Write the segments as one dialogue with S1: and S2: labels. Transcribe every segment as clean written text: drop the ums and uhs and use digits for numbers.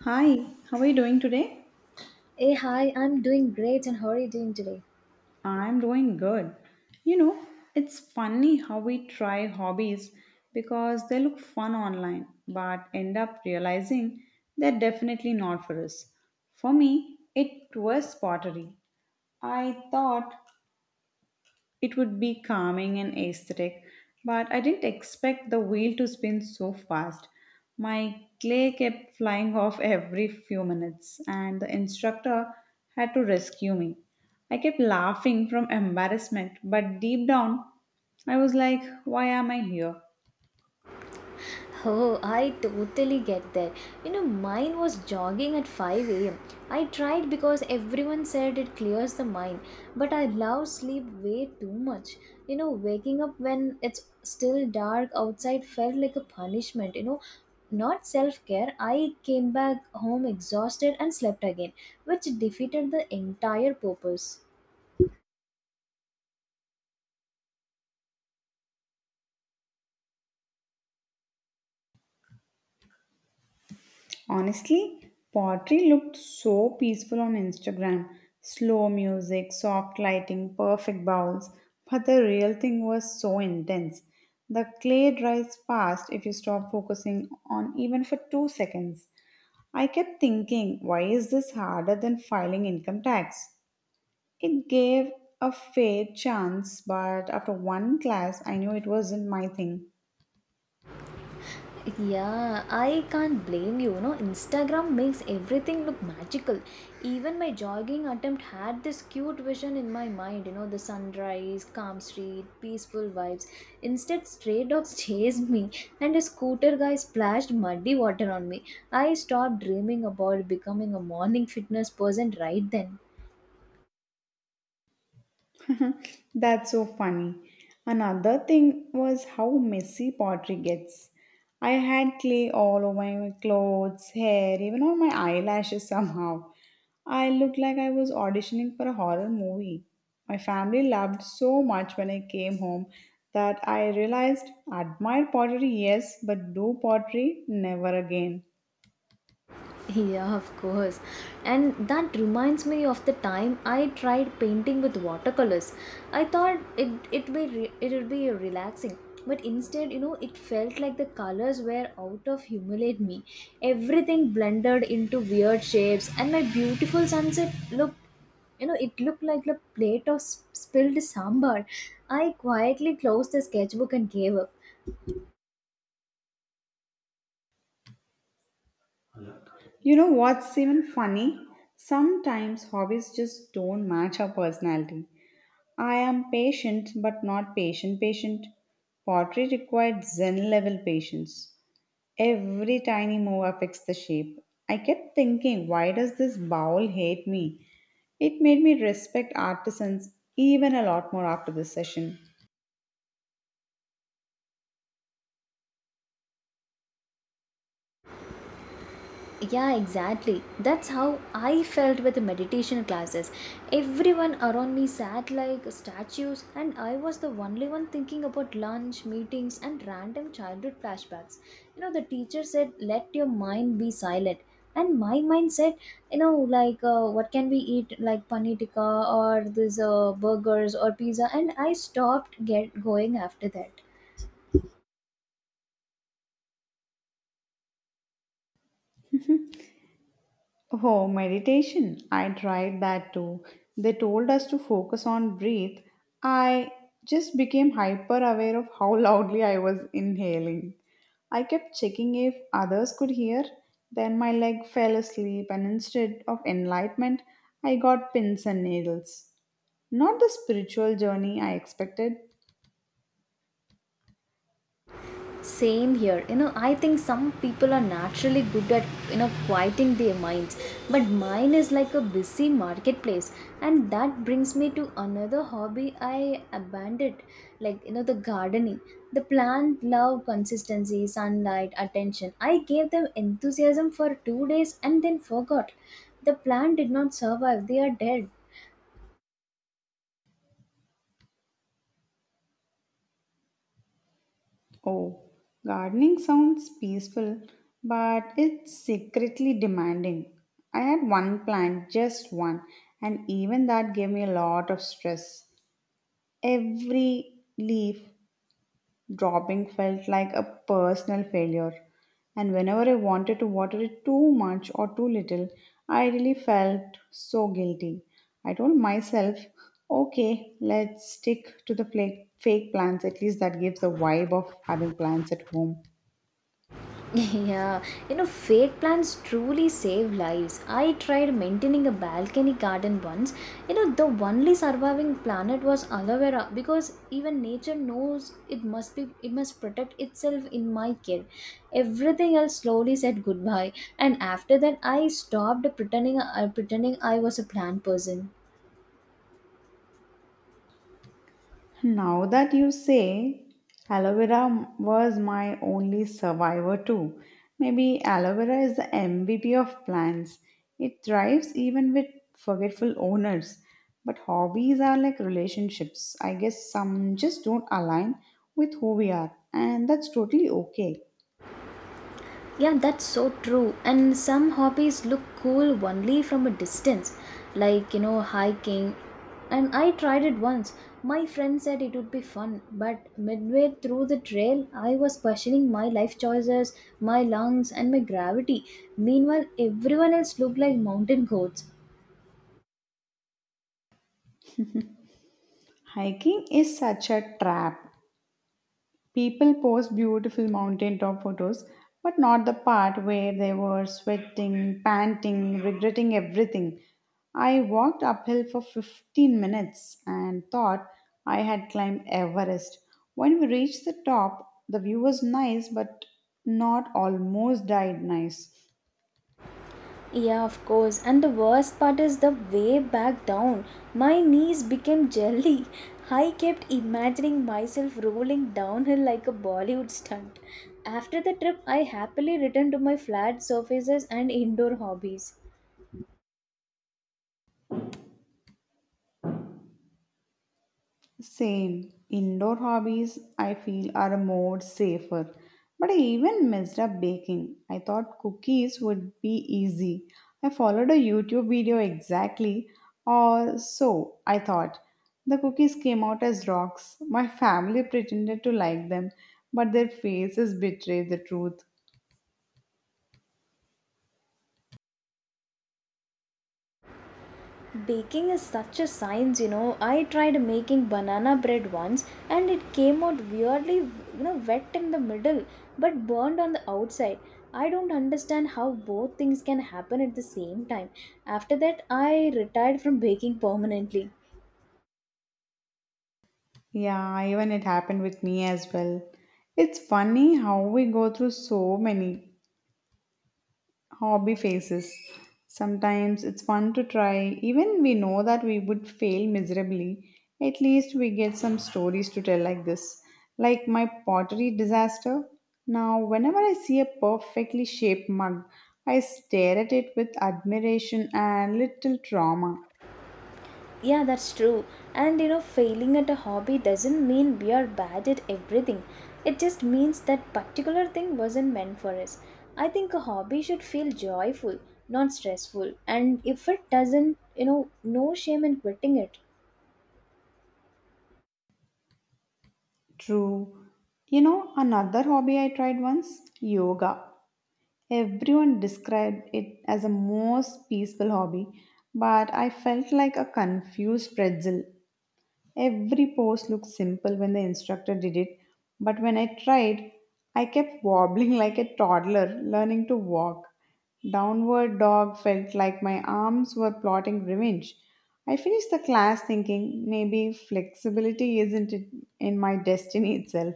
S1: Hi, how are you doing today?
S2: Hey, hi, I'm doing great, and how are you doing today?
S1: I'm doing good. You know, it's funny how we try hobbies because they look fun online but end up realizing they're definitely not for us. For me, it was pottery. I thought it would be calming and aesthetic, but I didn't expect the wheel to spin so fast. My clay kept flying off every few minutes, and the instructor had to rescue me. I kept laughing from embarrassment, but deep down, I was like, why am I here?
S2: Oh, I totally get that. You know, mine was jogging at 5 am. I tried because everyone said it clears the mind, but I love sleep way too much. You know, waking up when it's still dark outside felt like a punishment. Not self care, I came back home exhausted and slept again, which defeated the entire purpose.
S1: Honestly, pottery looked so peaceful on Instagram. Slow music, soft lighting, perfect bowls. But the real thing was so intense. The clay dries fast if you stop focusing on even for 2 seconds. I kept thinking, why is this harder than filing income tax? It gave a fair chance, but after one class, I knew it wasn't my thing.
S2: Yeah, I can't blame you. You know, Instagram makes everything look magical. Even my jogging attempt had this cute vision in my mind. You know, the sunrise, calm street, peaceful vibes. Instead, stray dogs chased me, and a scooter guy splashed muddy water on me. I stopped dreaming about becoming a morning fitness person right then.
S1: That's so funny. Another thing was how messy pottery gets. I had clay all over my clothes, hair, even on my eyelashes somehow. I looked like I was auditioning for a horror movie. My family laughed so much when I came home that I realized admire pottery, yes, but do pottery never again.
S2: Yeah, of course. And that reminds me of the time I tried painting with watercolors. I thought it would be relaxing, but instead, it felt like the colors were out of humiliate me. Everything blended into weird shapes, and my beautiful sunset looked you know it looked like a plate of spilled sambar. I quietly closed the sketchbook and gave up.
S1: You know what's even funny? Sometimes hobbies just don't match our personality. I am patient, but not patient patient. Pottery required Zen level patience. Every tiny move affects the shape. I kept thinking, why does this bowl hate me? It made me respect artisans even a lot more after this session.
S2: Yeah, exactly. That's how I felt with the meditation classes. Everyone around me sat like statues, and I was the only one thinking about lunch, meetings, and random childhood flashbacks. You know, the teacher said, "Let your mind be silent." And my mind said, like, what can we eat? Like paneer tikka or this burgers or pizza. And I stopped get going after that.
S1: Oh, meditation. I tried that too. They told us to focus on breathe. I just became hyper aware of how loudly I was inhaling. I kept checking if others could hear. Then my leg fell asleep, and instead of enlightenment, I got pins and needles. Not the spiritual journey I expected.
S2: Same here. You know, I think some people are naturally good at, you know, quieting their minds, but mine is like a busy marketplace. And that brings me to another hobby I abandoned, like, the gardening. The plant love consistency, sunlight, attention. I gave them enthusiasm for 2 days and then forgot. The plant did not survive. They are dead.
S1: Oh, gardening sounds peaceful, but it's secretly demanding. I had one plant, just one, and even that gave me a lot of stress. Every leaf dropping felt like a personal failure, and whenever I wanted to water it too much or too little, I really felt so guilty. I told myself, okay, let's stick to the fake plants, at least that gives the vibe of having plants at home.
S2: Yeah, you know, fake plants truly save lives. I tried maintaining a balcony garden once. You know, the only surviving plant was aloe vera because even nature knows it must protect itself in my care. Everything else slowly said goodbye, and after that, I stopped pretending I was a plant person.
S1: Now that you say, aloe vera was my only survivor too. Maybe aloe vera is the MVP of plants. It thrives even with forgetful owners. But hobbies are like relationships. I guess some just don't align with who we are, and that's totally okay.
S2: Yeah, that's so true. And some hobbies look cool only from a distance, like, hiking. And I tried it once. My friend said it would be fun, but midway through the trail, I was questioning my life choices, my lungs, and my gravity. Meanwhile, everyone else looked like mountain goats.
S1: Hiking is such a trap. People post beautiful mountaintop photos, but not the part where they were sweating, panting, regretting everything. I walked uphill for 15 minutes and thought I had climbed Everest. When we reached the top, the view was nice, but not almost died nice.
S2: Yeah, of course. And the worst part is the way back down. My knees became jelly. I kept imagining myself rolling downhill like a Bollywood stunt. After the trip, I happily returned to my flat surfaces and indoor hobbies.
S1: Same. Indoor hobbies, I feel, are more safer. But I even messed up baking. I thought cookies would be easy. I followed a YouTube video exactly, or so I thought. The cookies came out as rocks. My family pretended to like them, but their faces betrayed the truth.
S2: Baking is such a science. I tried making banana bread once and it came out weirdly, wet in the middle but burned on the outside. I don't understand how both things can happen at the same time. After that, I retired from baking permanently.
S1: Yeah, even it happened with me as well. It's funny how we go through so many hobby phases. Sometimes it's fun to try, even we know that we would fail miserably. At least we get some stories to tell like this. Like my pottery disaster. Now, whenever I see a perfectly shaped mug, I stare at it with admiration and little trauma.
S2: Yeah, that's true. And failing at a hobby doesn't mean we are bad at everything. It just means that particular thing wasn't meant for us. I think a hobby should feel joyful, not stressful. And if it doesn't, no shame in quitting it.
S1: True. You know, another hobby I tried once yoga. Everyone described it as a most peaceful hobby, but I felt like a confused pretzel. Every pose looked simple when the instructor did it, but when I tried, I kept wobbling like a toddler learning to walk. Downward dog felt like my arms were plotting revenge. I finished the class thinking maybe flexibility isn't it in my destiny itself.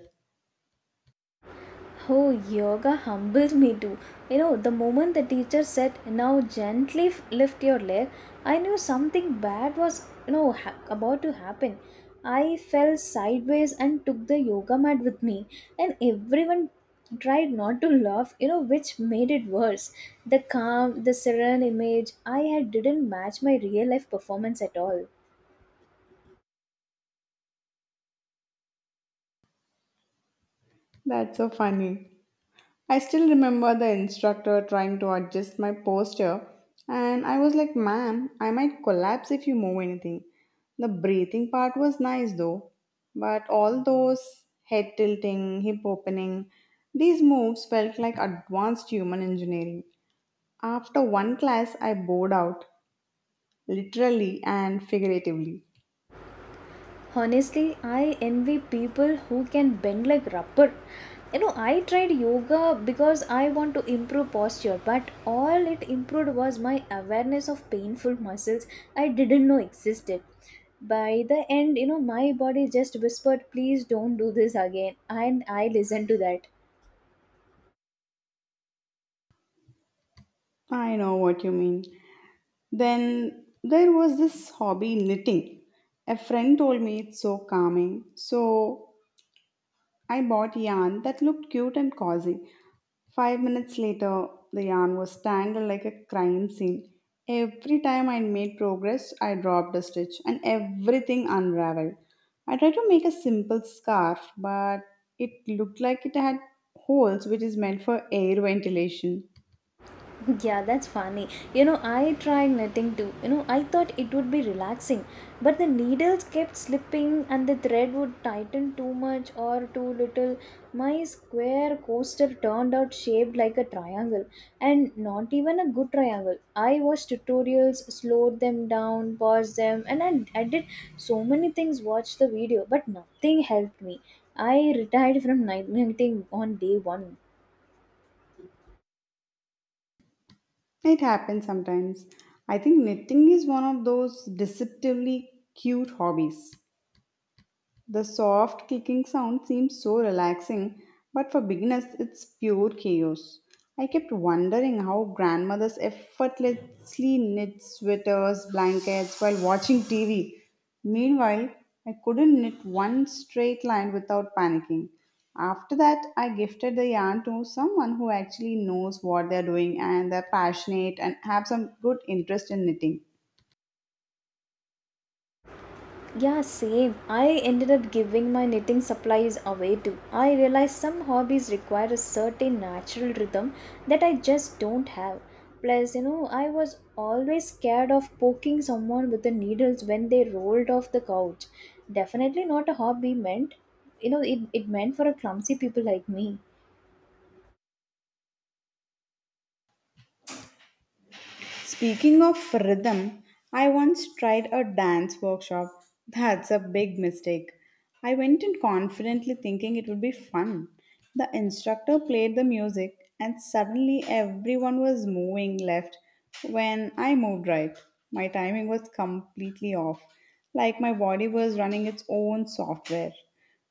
S2: Oh, yoga humbles me too. You know, the moment the teacher said, "Now gently lift your leg," I knew something bad was about to happen. I fell sideways and took the yoga mat with me, and everyone tried not to laugh, which made it worse. The calm, the serene image I had didn't match my real life performance at all.
S1: That's so funny. I still remember the instructor trying to adjust my posture, and I was like, ma'am, I might collapse if you move anything. The breathing part was nice though, but all those head tilting, hip opening, these moves felt like advanced human engineering. After one class, I bored out, literally and figuratively.
S2: Honestly, I envy people who can bend like rubber. You know, I tried yoga because I want to improve posture, but all it improved was my awareness of painful muscles I didn't know existed. By the end, my body just whispered, "Please don't do this again," and I listened to that.
S1: I know what you mean. Then there was this hobby knitting. A friend told me it's so calming. So I bought yarn that looked cute and cozy. 5 minutes later, the yarn was tangled like a crime scene. Every time I made progress, I dropped a stitch and everything unraveled. I tried to make a simple scarf, but it looked like it had holes, which is meant for air ventilation.
S2: Yeah, that's funny. You know, I tried knitting too. You know, I thought it would be relaxing, but the needles kept slipping and the thread would tighten too much or too little. My square coaster turned out shaped like a triangle and not even a good triangle. I watched tutorials, slowed them down, paused them, and I did so many things, watched the video, but nothing helped me. I retired from night knitting on day one.
S1: It happens sometimes. I think knitting is one of those deceptively cute hobbies. The soft clicking sound seems so relaxing, but for beginners, it's pure chaos. I kept wondering how grandmothers effortlessly knit sweaters, blankets while watching TV. Meanwhile, I couldn't knit one straight line without panicking. After that, I gifted the yarn to someone who actually knows what they're doing and they're passionate and have some good interest in knitting.
S2: Yeah, same. I ended up giving my knitting supplies away too. I realized some hobbies require a certain natural rhythm that I just don't have. Plus, I was always scared of poking someone with the needles when they rolled off the couch. Definitely not a hobby meant, it meant for a clumsy people like me.
S1: Speaking of rhythm, I once tried a dance workshop. That's a big mistake. I went in confidently thinking it would be fun. The instructor played the music, and suddenly everyone was moving left when I moved right. My timing was completely off, like my body was running its own software.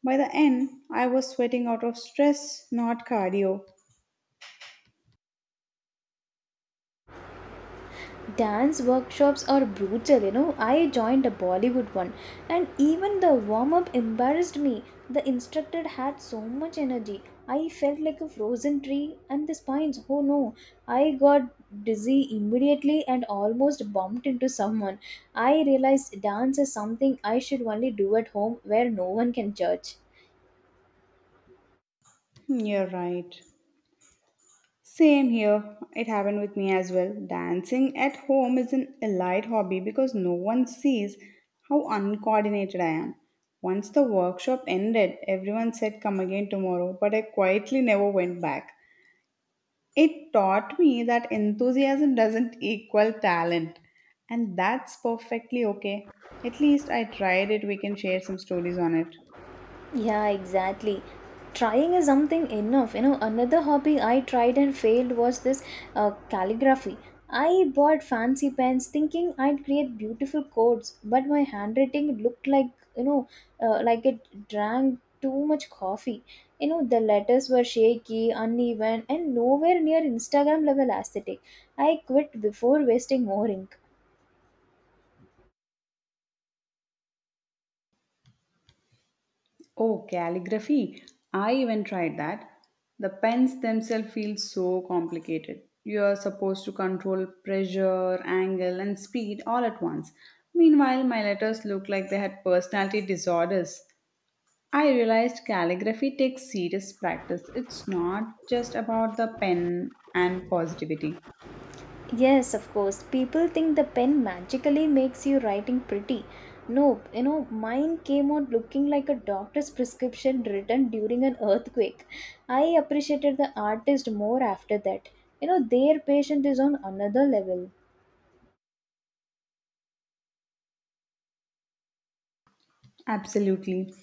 S1: By the end, I was sweating out of stress, not cardio.
S2: Dance workshops are brutal. You know, I joined a Bollywood one, and even the warm up embarrassed me. The instructor had so much energy. I felt like a frozen tree, and the spines, oh no. I got dizzy immediately and almost bumped into someone. I realized dance is something I should only do at home where no one can judge.
S1: Hmm, you're right. Same here. It happened with me as well. Dancing at home is an elite hobby because no one sees how uncoordinated I am. Once the workshop ended, everyone said come again tomorrow, but I quietly never went back. It taught me that enthusiasm doesn't equal talent, and that's perfectly okay. At least I tried it. We can share some stories on it.
S2: Yeah, exactly. Trying is something enough. You know, another hobby I tried and failed was this calligraphy. I bought fancy pens thinking I'd create beautiful quotes, but my handwriting looked like, you know, like it drank too much coffee. You know, the letters were shaky, uneven, and nowhere near Instagram level aesthetic. I quit before wasting more ink.
S1: Oh, calligraphy. I even tried that. The pens themselves feel so complicated. You are supposed to control pressure, angle, and speed all at once. Meanwhile, my letters look like they had personality disorders. I realized calligraphy takes serious practice. It's not just about the pen and positivity.
S2: Yes, of course. People think the pen magically makes you writing pretty. Nope, mine came out looking like a doctor's prescription written during an earthquake. I appreciated the artist more after that. You know, their patience is on another level.
S1: Absolutely.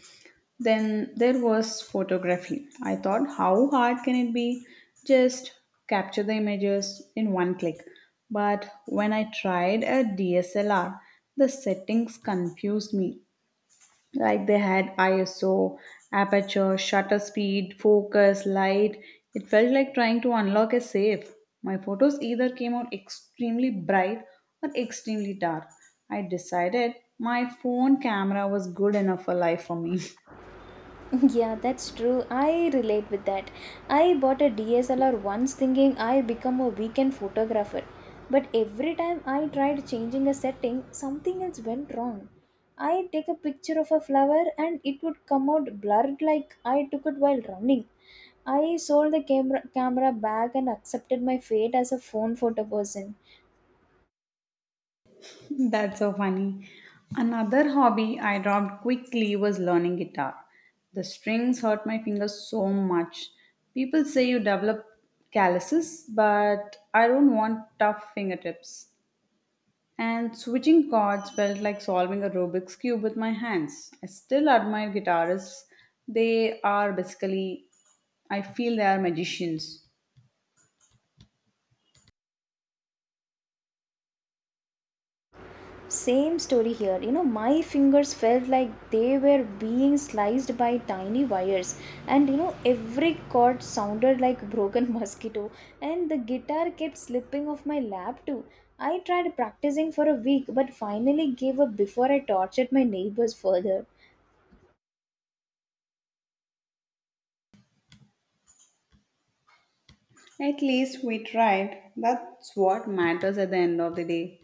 S1: Then there was photography. I thought, how hard can it be? Just capture the images in one click. But when I tried a DSLR, the settings confused me like they had ISO, aperture, shutter speed, focus, light. It felt like trying to unlock a safe. My photos either came out extremely bright or extremely dark. I decided my phone camera was good enough for life for me.
S2: Yeah, that's true. I relate with that. I bought a DSLR once thinking I'll become a weekend photographer. But every time I tried changing a setting, something else went wrong. I take a picture of a flower and it would come out blurred like I took it while running. I sold the camera back and accepted my fate as a phone photo person.
S1: That's so funny. Another hobby I dropped quickly was learning guitar. The strings hurt my fingers so much. People say you develop calluses, but I don't want tough fingertips. And switching chords felt like solving a Rubik's Cube with my hands. I still admire guitarists. They are basically, I feel they are magicians.
S2: Same story here. You know, my fingers felt like they were being sliced by tiny wires, and every chord sounded like broken mosquito, and the guitar kept slipping off my lap too. I tried practicing for a week, but finally gave up before I tortured my neighbors further.
S1: At least we tried. That's what matters at the end of the day.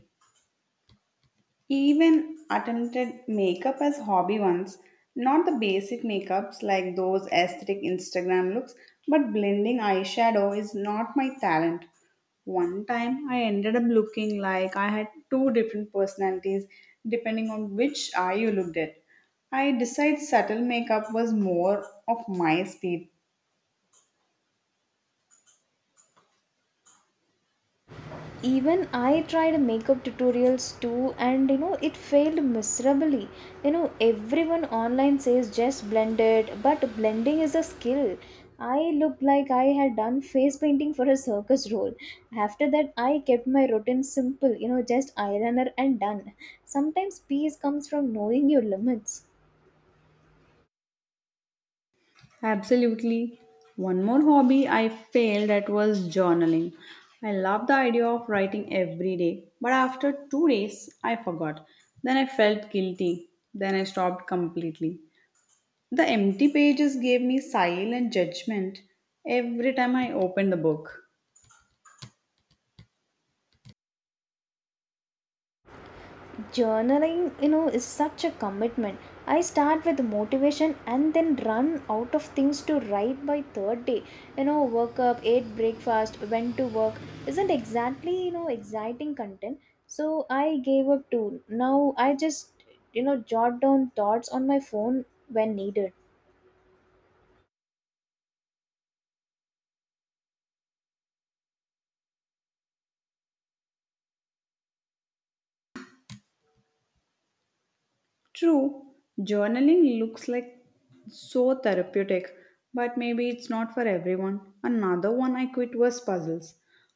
S1: Even attempted makeup as hobby once, not the basic makeups like those aesthetic Instagram looks, but blending eyeshadow is not my talent. One time I ended up looking like I had two different personalities depending on which eye you looked at. I decided subtle makeup was more of my speed.
S2: Even I tried makeup tutorials too, and it failed miserably. You know, everyone online says just blend it, but blending is a skill. I looked like I had done face painting for a circus role. After that, I kept my routine simple, just eyeliner and done. Sometimes peace comes from knowing your limits.
S1: Absolutely. One more hobby I failed at was journaling. I loved the idea of writing every day, but after 2 days, I forgot. Then I felt guilty. Then I stopped completely. The empty pages gave me silent judgment every time I opened the book.
S2: Journaling, is such a commitment. I start with motivation and then run out of things to write by third day. You know, woke up, ate breakfast, went to work, isn't exactly, exciting content. So I gave up too. Now I just, jot down thoughts on my phone when needed.
S1: True, journaling looks like so therapeutic, but maybe it's not for everyone. Another one I quit was puzzles.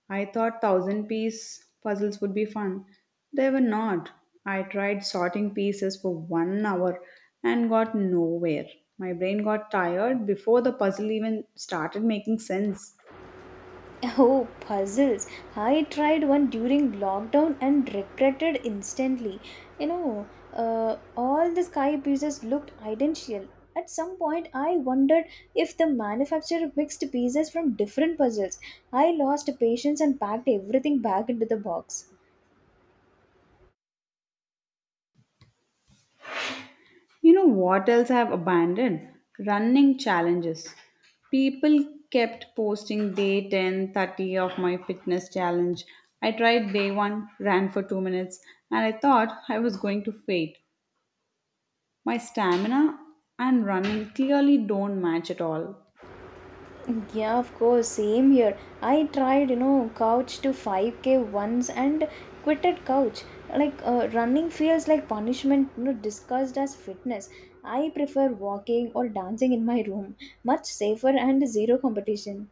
S1: I thought thousand piece puzzles would be fun. They were not. I tried sorting pieces for 1 hour and got nowhere. My brain got tired before the puzzle even started making sense.
S2: Oh, puzzles. I tried one during lockdown and regretted instantly. You know, all the sky pieces looked identical. At some point, I wondered if the manufacturer mixed pieces from different puzzles. I lost patience and packed everything back into the box.
S1: You know what else I have abandoned? Running challenges. People kept posting day 10, 30 of my fitness challenge. I tried day 1, ran for 2 minutes, and I thought I was going to faint. My stamina and running clearly don't match at all.
S2: Yeah, of course, same here. I tried, couch to 5K once and quitted couch. Like, running feels like punishment, discussed as fitness. I prefer walking or dancing in my room, much safer and zero competition.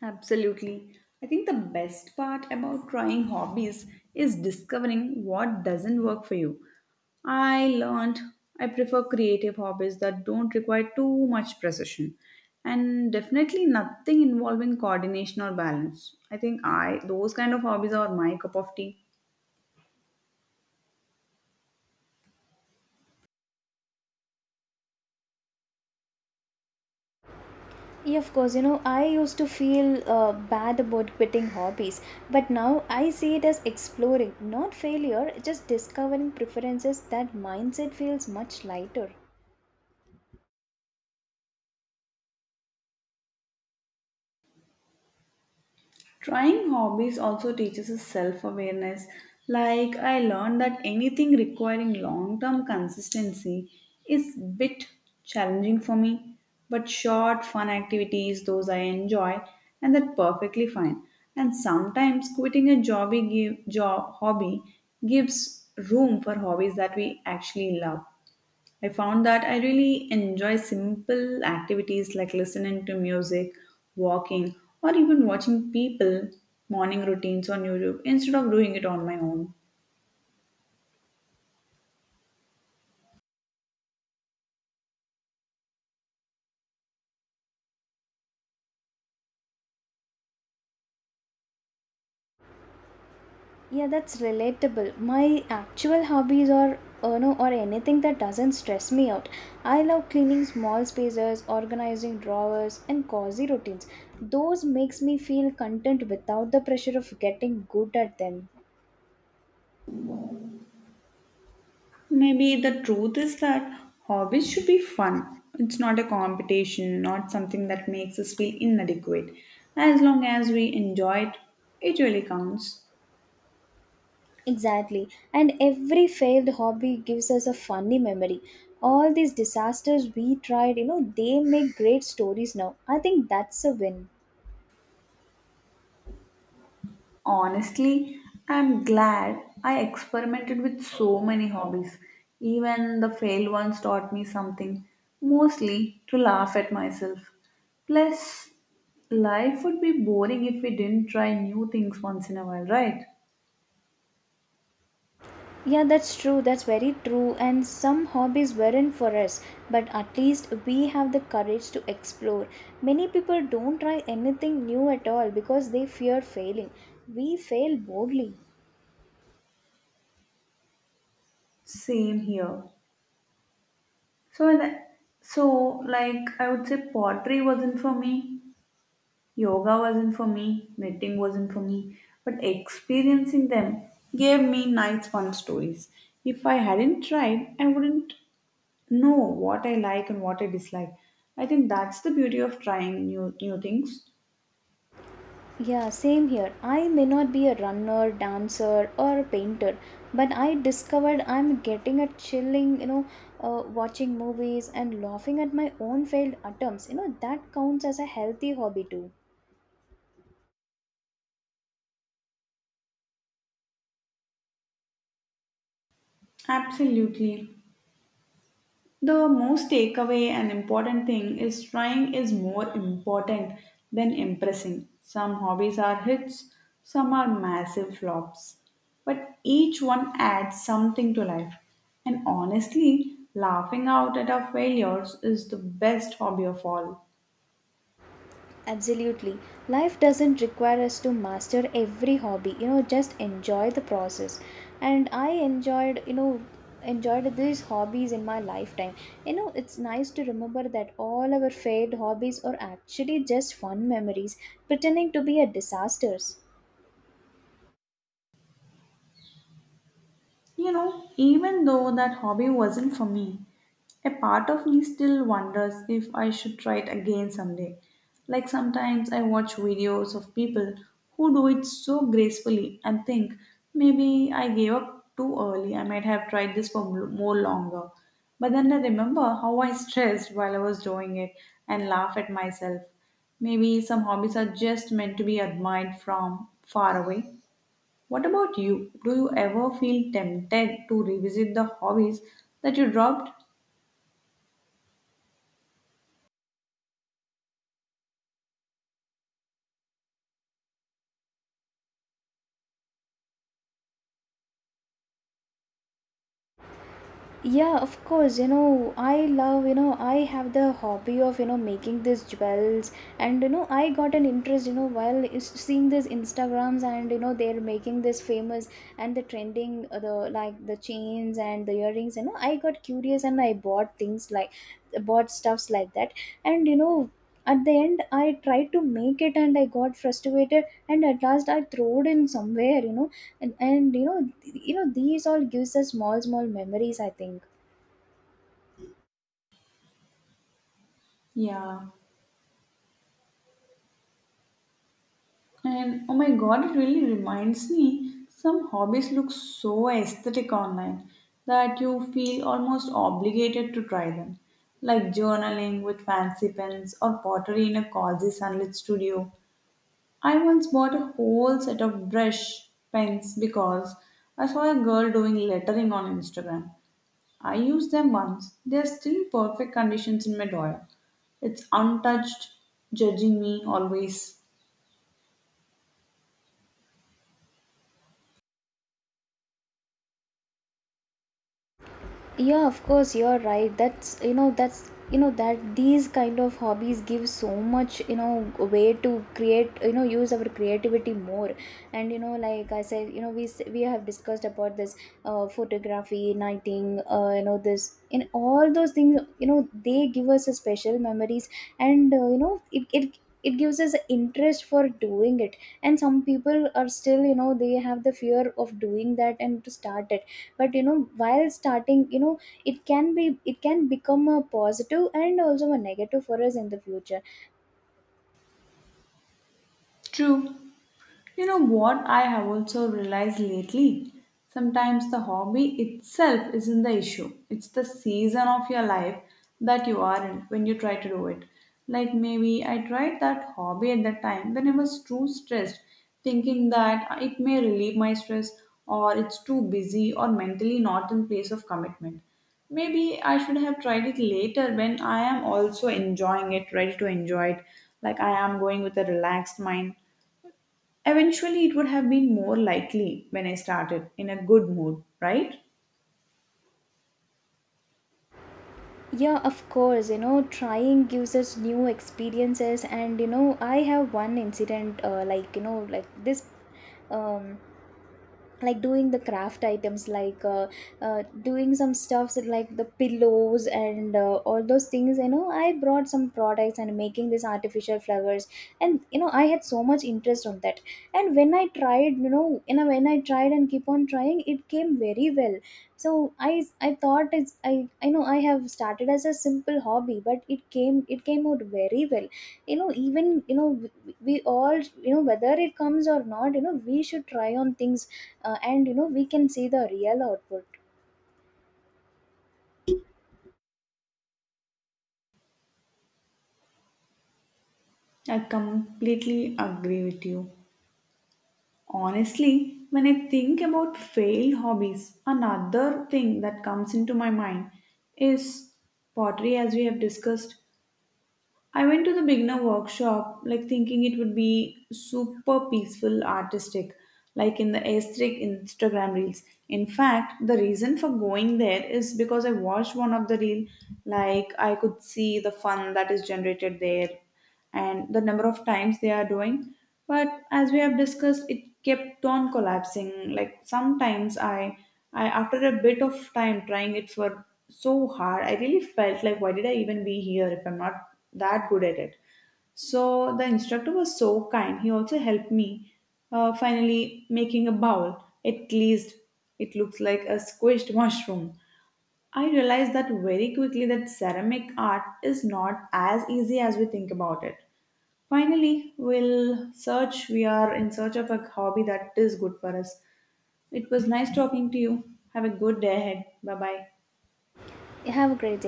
S1: Absolutely. I think the best part about trying hobbies is discovering what doesn't work for you. I learned I prefer creative hobbies that don't require too much precision and definitely nothing involving coordination or balance. I think I those kind of hobbies are my cup of tea.
S2: Yeah, of course, I used to feel bad about quitting hobbies, but now I see it as exploring, not failure, just discovering preferences. That mindset feels much lighter.
S1: Trying hobbies also teaches us self awareness. Like, I learned that anything requiring long term consistency is bit challenging for me, but short, fun activities, those I enjoy, and that perfectly fine. And sometimes quitting a jobby give, job hobby gives room for hobbies that we actually love. I found that I really enjoy simple activities like listening to music, walking, or even watching people morning routines on YouTube instead of doing it on my own.
S2: Yeah, that's relatable. My actual hobbies are, or anything that doesn't stress me out. I love cleaning small spaces, organizing drawers, and cozy routines. Those makes me feel content without the pressure of getting good at them.
S1: Maybe the truth is that hobbies should be fun. It's not a competition, not something that makes us feel inadequate. As long as we enjoy it, it really counts.
S2: Exactly. And every failed hobby gives us a funny memory. All these disasters we tried, they make great stories now. I think that's a win.
S1: Honestly, I'm glad I experimented with so many hobbies. Even the failed ones taught me something, mostly to laugh at myself. Plus, life would be boring if we didn't try new things once in a while, right?
S2: Yeah, that's true. That's very true. And some hobbies weren't for us, but at least we have the courage to explore. Many people don't try anything new at all because they fear failing. We fail boldly.
S1: Same here. So, when I- so like I would say, pottery wasn't for me. Yoga wasn't for me, knitting wasn't for me, but experiencing them gave me nice fun stories. If I hadn't tried, I wouldn't know what I like and what I dislike. I think that's the beauty of trying new things.
S2: Yeah, same here. I may not be a runner, dancer, or a painter, but I discovered I'm getting a chilling, watching movies and laughing at my own failed attempts. You know, that counts as a healthy hobby too.
S1: Absolutely. The most takeaway and important thing is trying is more important than impressing. Some hobbies are hits, some are massive flops, but each one adds something to life. And honestly, laughing out at our failures is the best hobby of all.
S2: Absolutely. Life doesn't require us to master every hobby. You know, just enjoy the process. And I enjoyed these hobbies in my lifetime. You know, it's nice to remember that all our failed hobbies are actually just fun memories pretending to be a disasters.
S1: Even though that hobby wasn't for me, a part of me still wonders if I should try it again someday. Like sometimes I watch videos of people who do it so gracefully and think maybe I gave up too early, I might have tried this for more longer. But then I remember how I stressed while I was doing it and laugh at myself. Maybe some hobbies are just meant to be admired from far away. What about you? Do you ever feel tempted to revisit the hobbies that you dropped?
S2: Yeah, of course. You know, I love, I have the hobby of, making these jewels. And, you know, I got an interest, while seeing these Instagrams and, they're making this famous and the trending, the like the chains and the earrings. You know, I got curious and I bought things like, bought stuffs like that. And, you know, at the end I tried to make it and I got frustrated and at last I threw it in somewhere. And these all gives us small small memories, I think.
S1: Yeah. And oh my god, it really reminds me, some hobbies look so aesthetic online that you feel almost obligated to try them. Like journaling with fancy pens or pottery in a cozy sunlit studio. I once bought a whole set of brush pens because I saw a girl doing lettering on Instagram. I used them once. They're still in perfect conditions in my drawer. It's untouched, judging me always.
S2: Yeah, of course, you're right. That's, that's, that these kind of hobbies give so much, way to create, use our creativity more. And, you know, like I said, we have discussed about this. Photography, knitting, you know, this in all those things, you know, they give us a special memories. And you know, it gives us interest for doing it. And some people are still, you know, they have the fear of doing that and to start it. But you know, while starting, you know, it can become a positive and also a negative for us in the future.
S1: True. You know what I have also realized lately? Sometimes the hobby itself isn't the issue. It's the season of your life that you are in when you try to do it. Like maybe I tried that hobby at that time when I was too stressed, thinking that it may relieve my stress or it's too busy or mentally not in place of commitment. Maybe I should have tried it later when I am also enjoying it, ready to enjoy it. Like I am going with a relaxed mind. Eventually, it would have been more likely when I started in a good mood, right?
S2: Yeah, of course, you know, trying gives us new experiences. And you know, I have one incident, like, you know, like this. um like doing the craft items, like doing some stuffs like the pillows, and all those things, you know, I brought some products and making these artificial flowers. And you know, I had so much interest on that. And when I tried, when I tried and keep on trying, it came very well. So I thought it's I know I have started as a simple hobby, but it came out very well. You know, even, you know, we all, you know, whether it comes or not, you know, we should try on things. And you know, we can see the real output.
S1: I completely agree with you. Honestly, when I think about failed hobbies, another thing that comes into my mind is pottery, as we have discussed. I went to the beginner workshop, like thinking it would be super peaceful, artistic, like in the aesthetic Instagram reels. In fact, the reason for going there is because I watched one of the reel, like I could see the fun that is generated there, and the number of times they are doing. But as we have discussed, it kept on collapsing. Like sometimes I after a bit of time trying it for so hard, I really felt like why did I even be here if I'm not that good at it. So the instructor was so kind. He also helped me finally making a bowl. At least it looks like a squished mushroom. I realized that very quickly that ceramic art is not as easy as we think about it. Finally, we'll search. We are in search of a hobby that is good for us. It was nice talking to you. Have a good day ahead. Bye bye.
S2: Have a great day.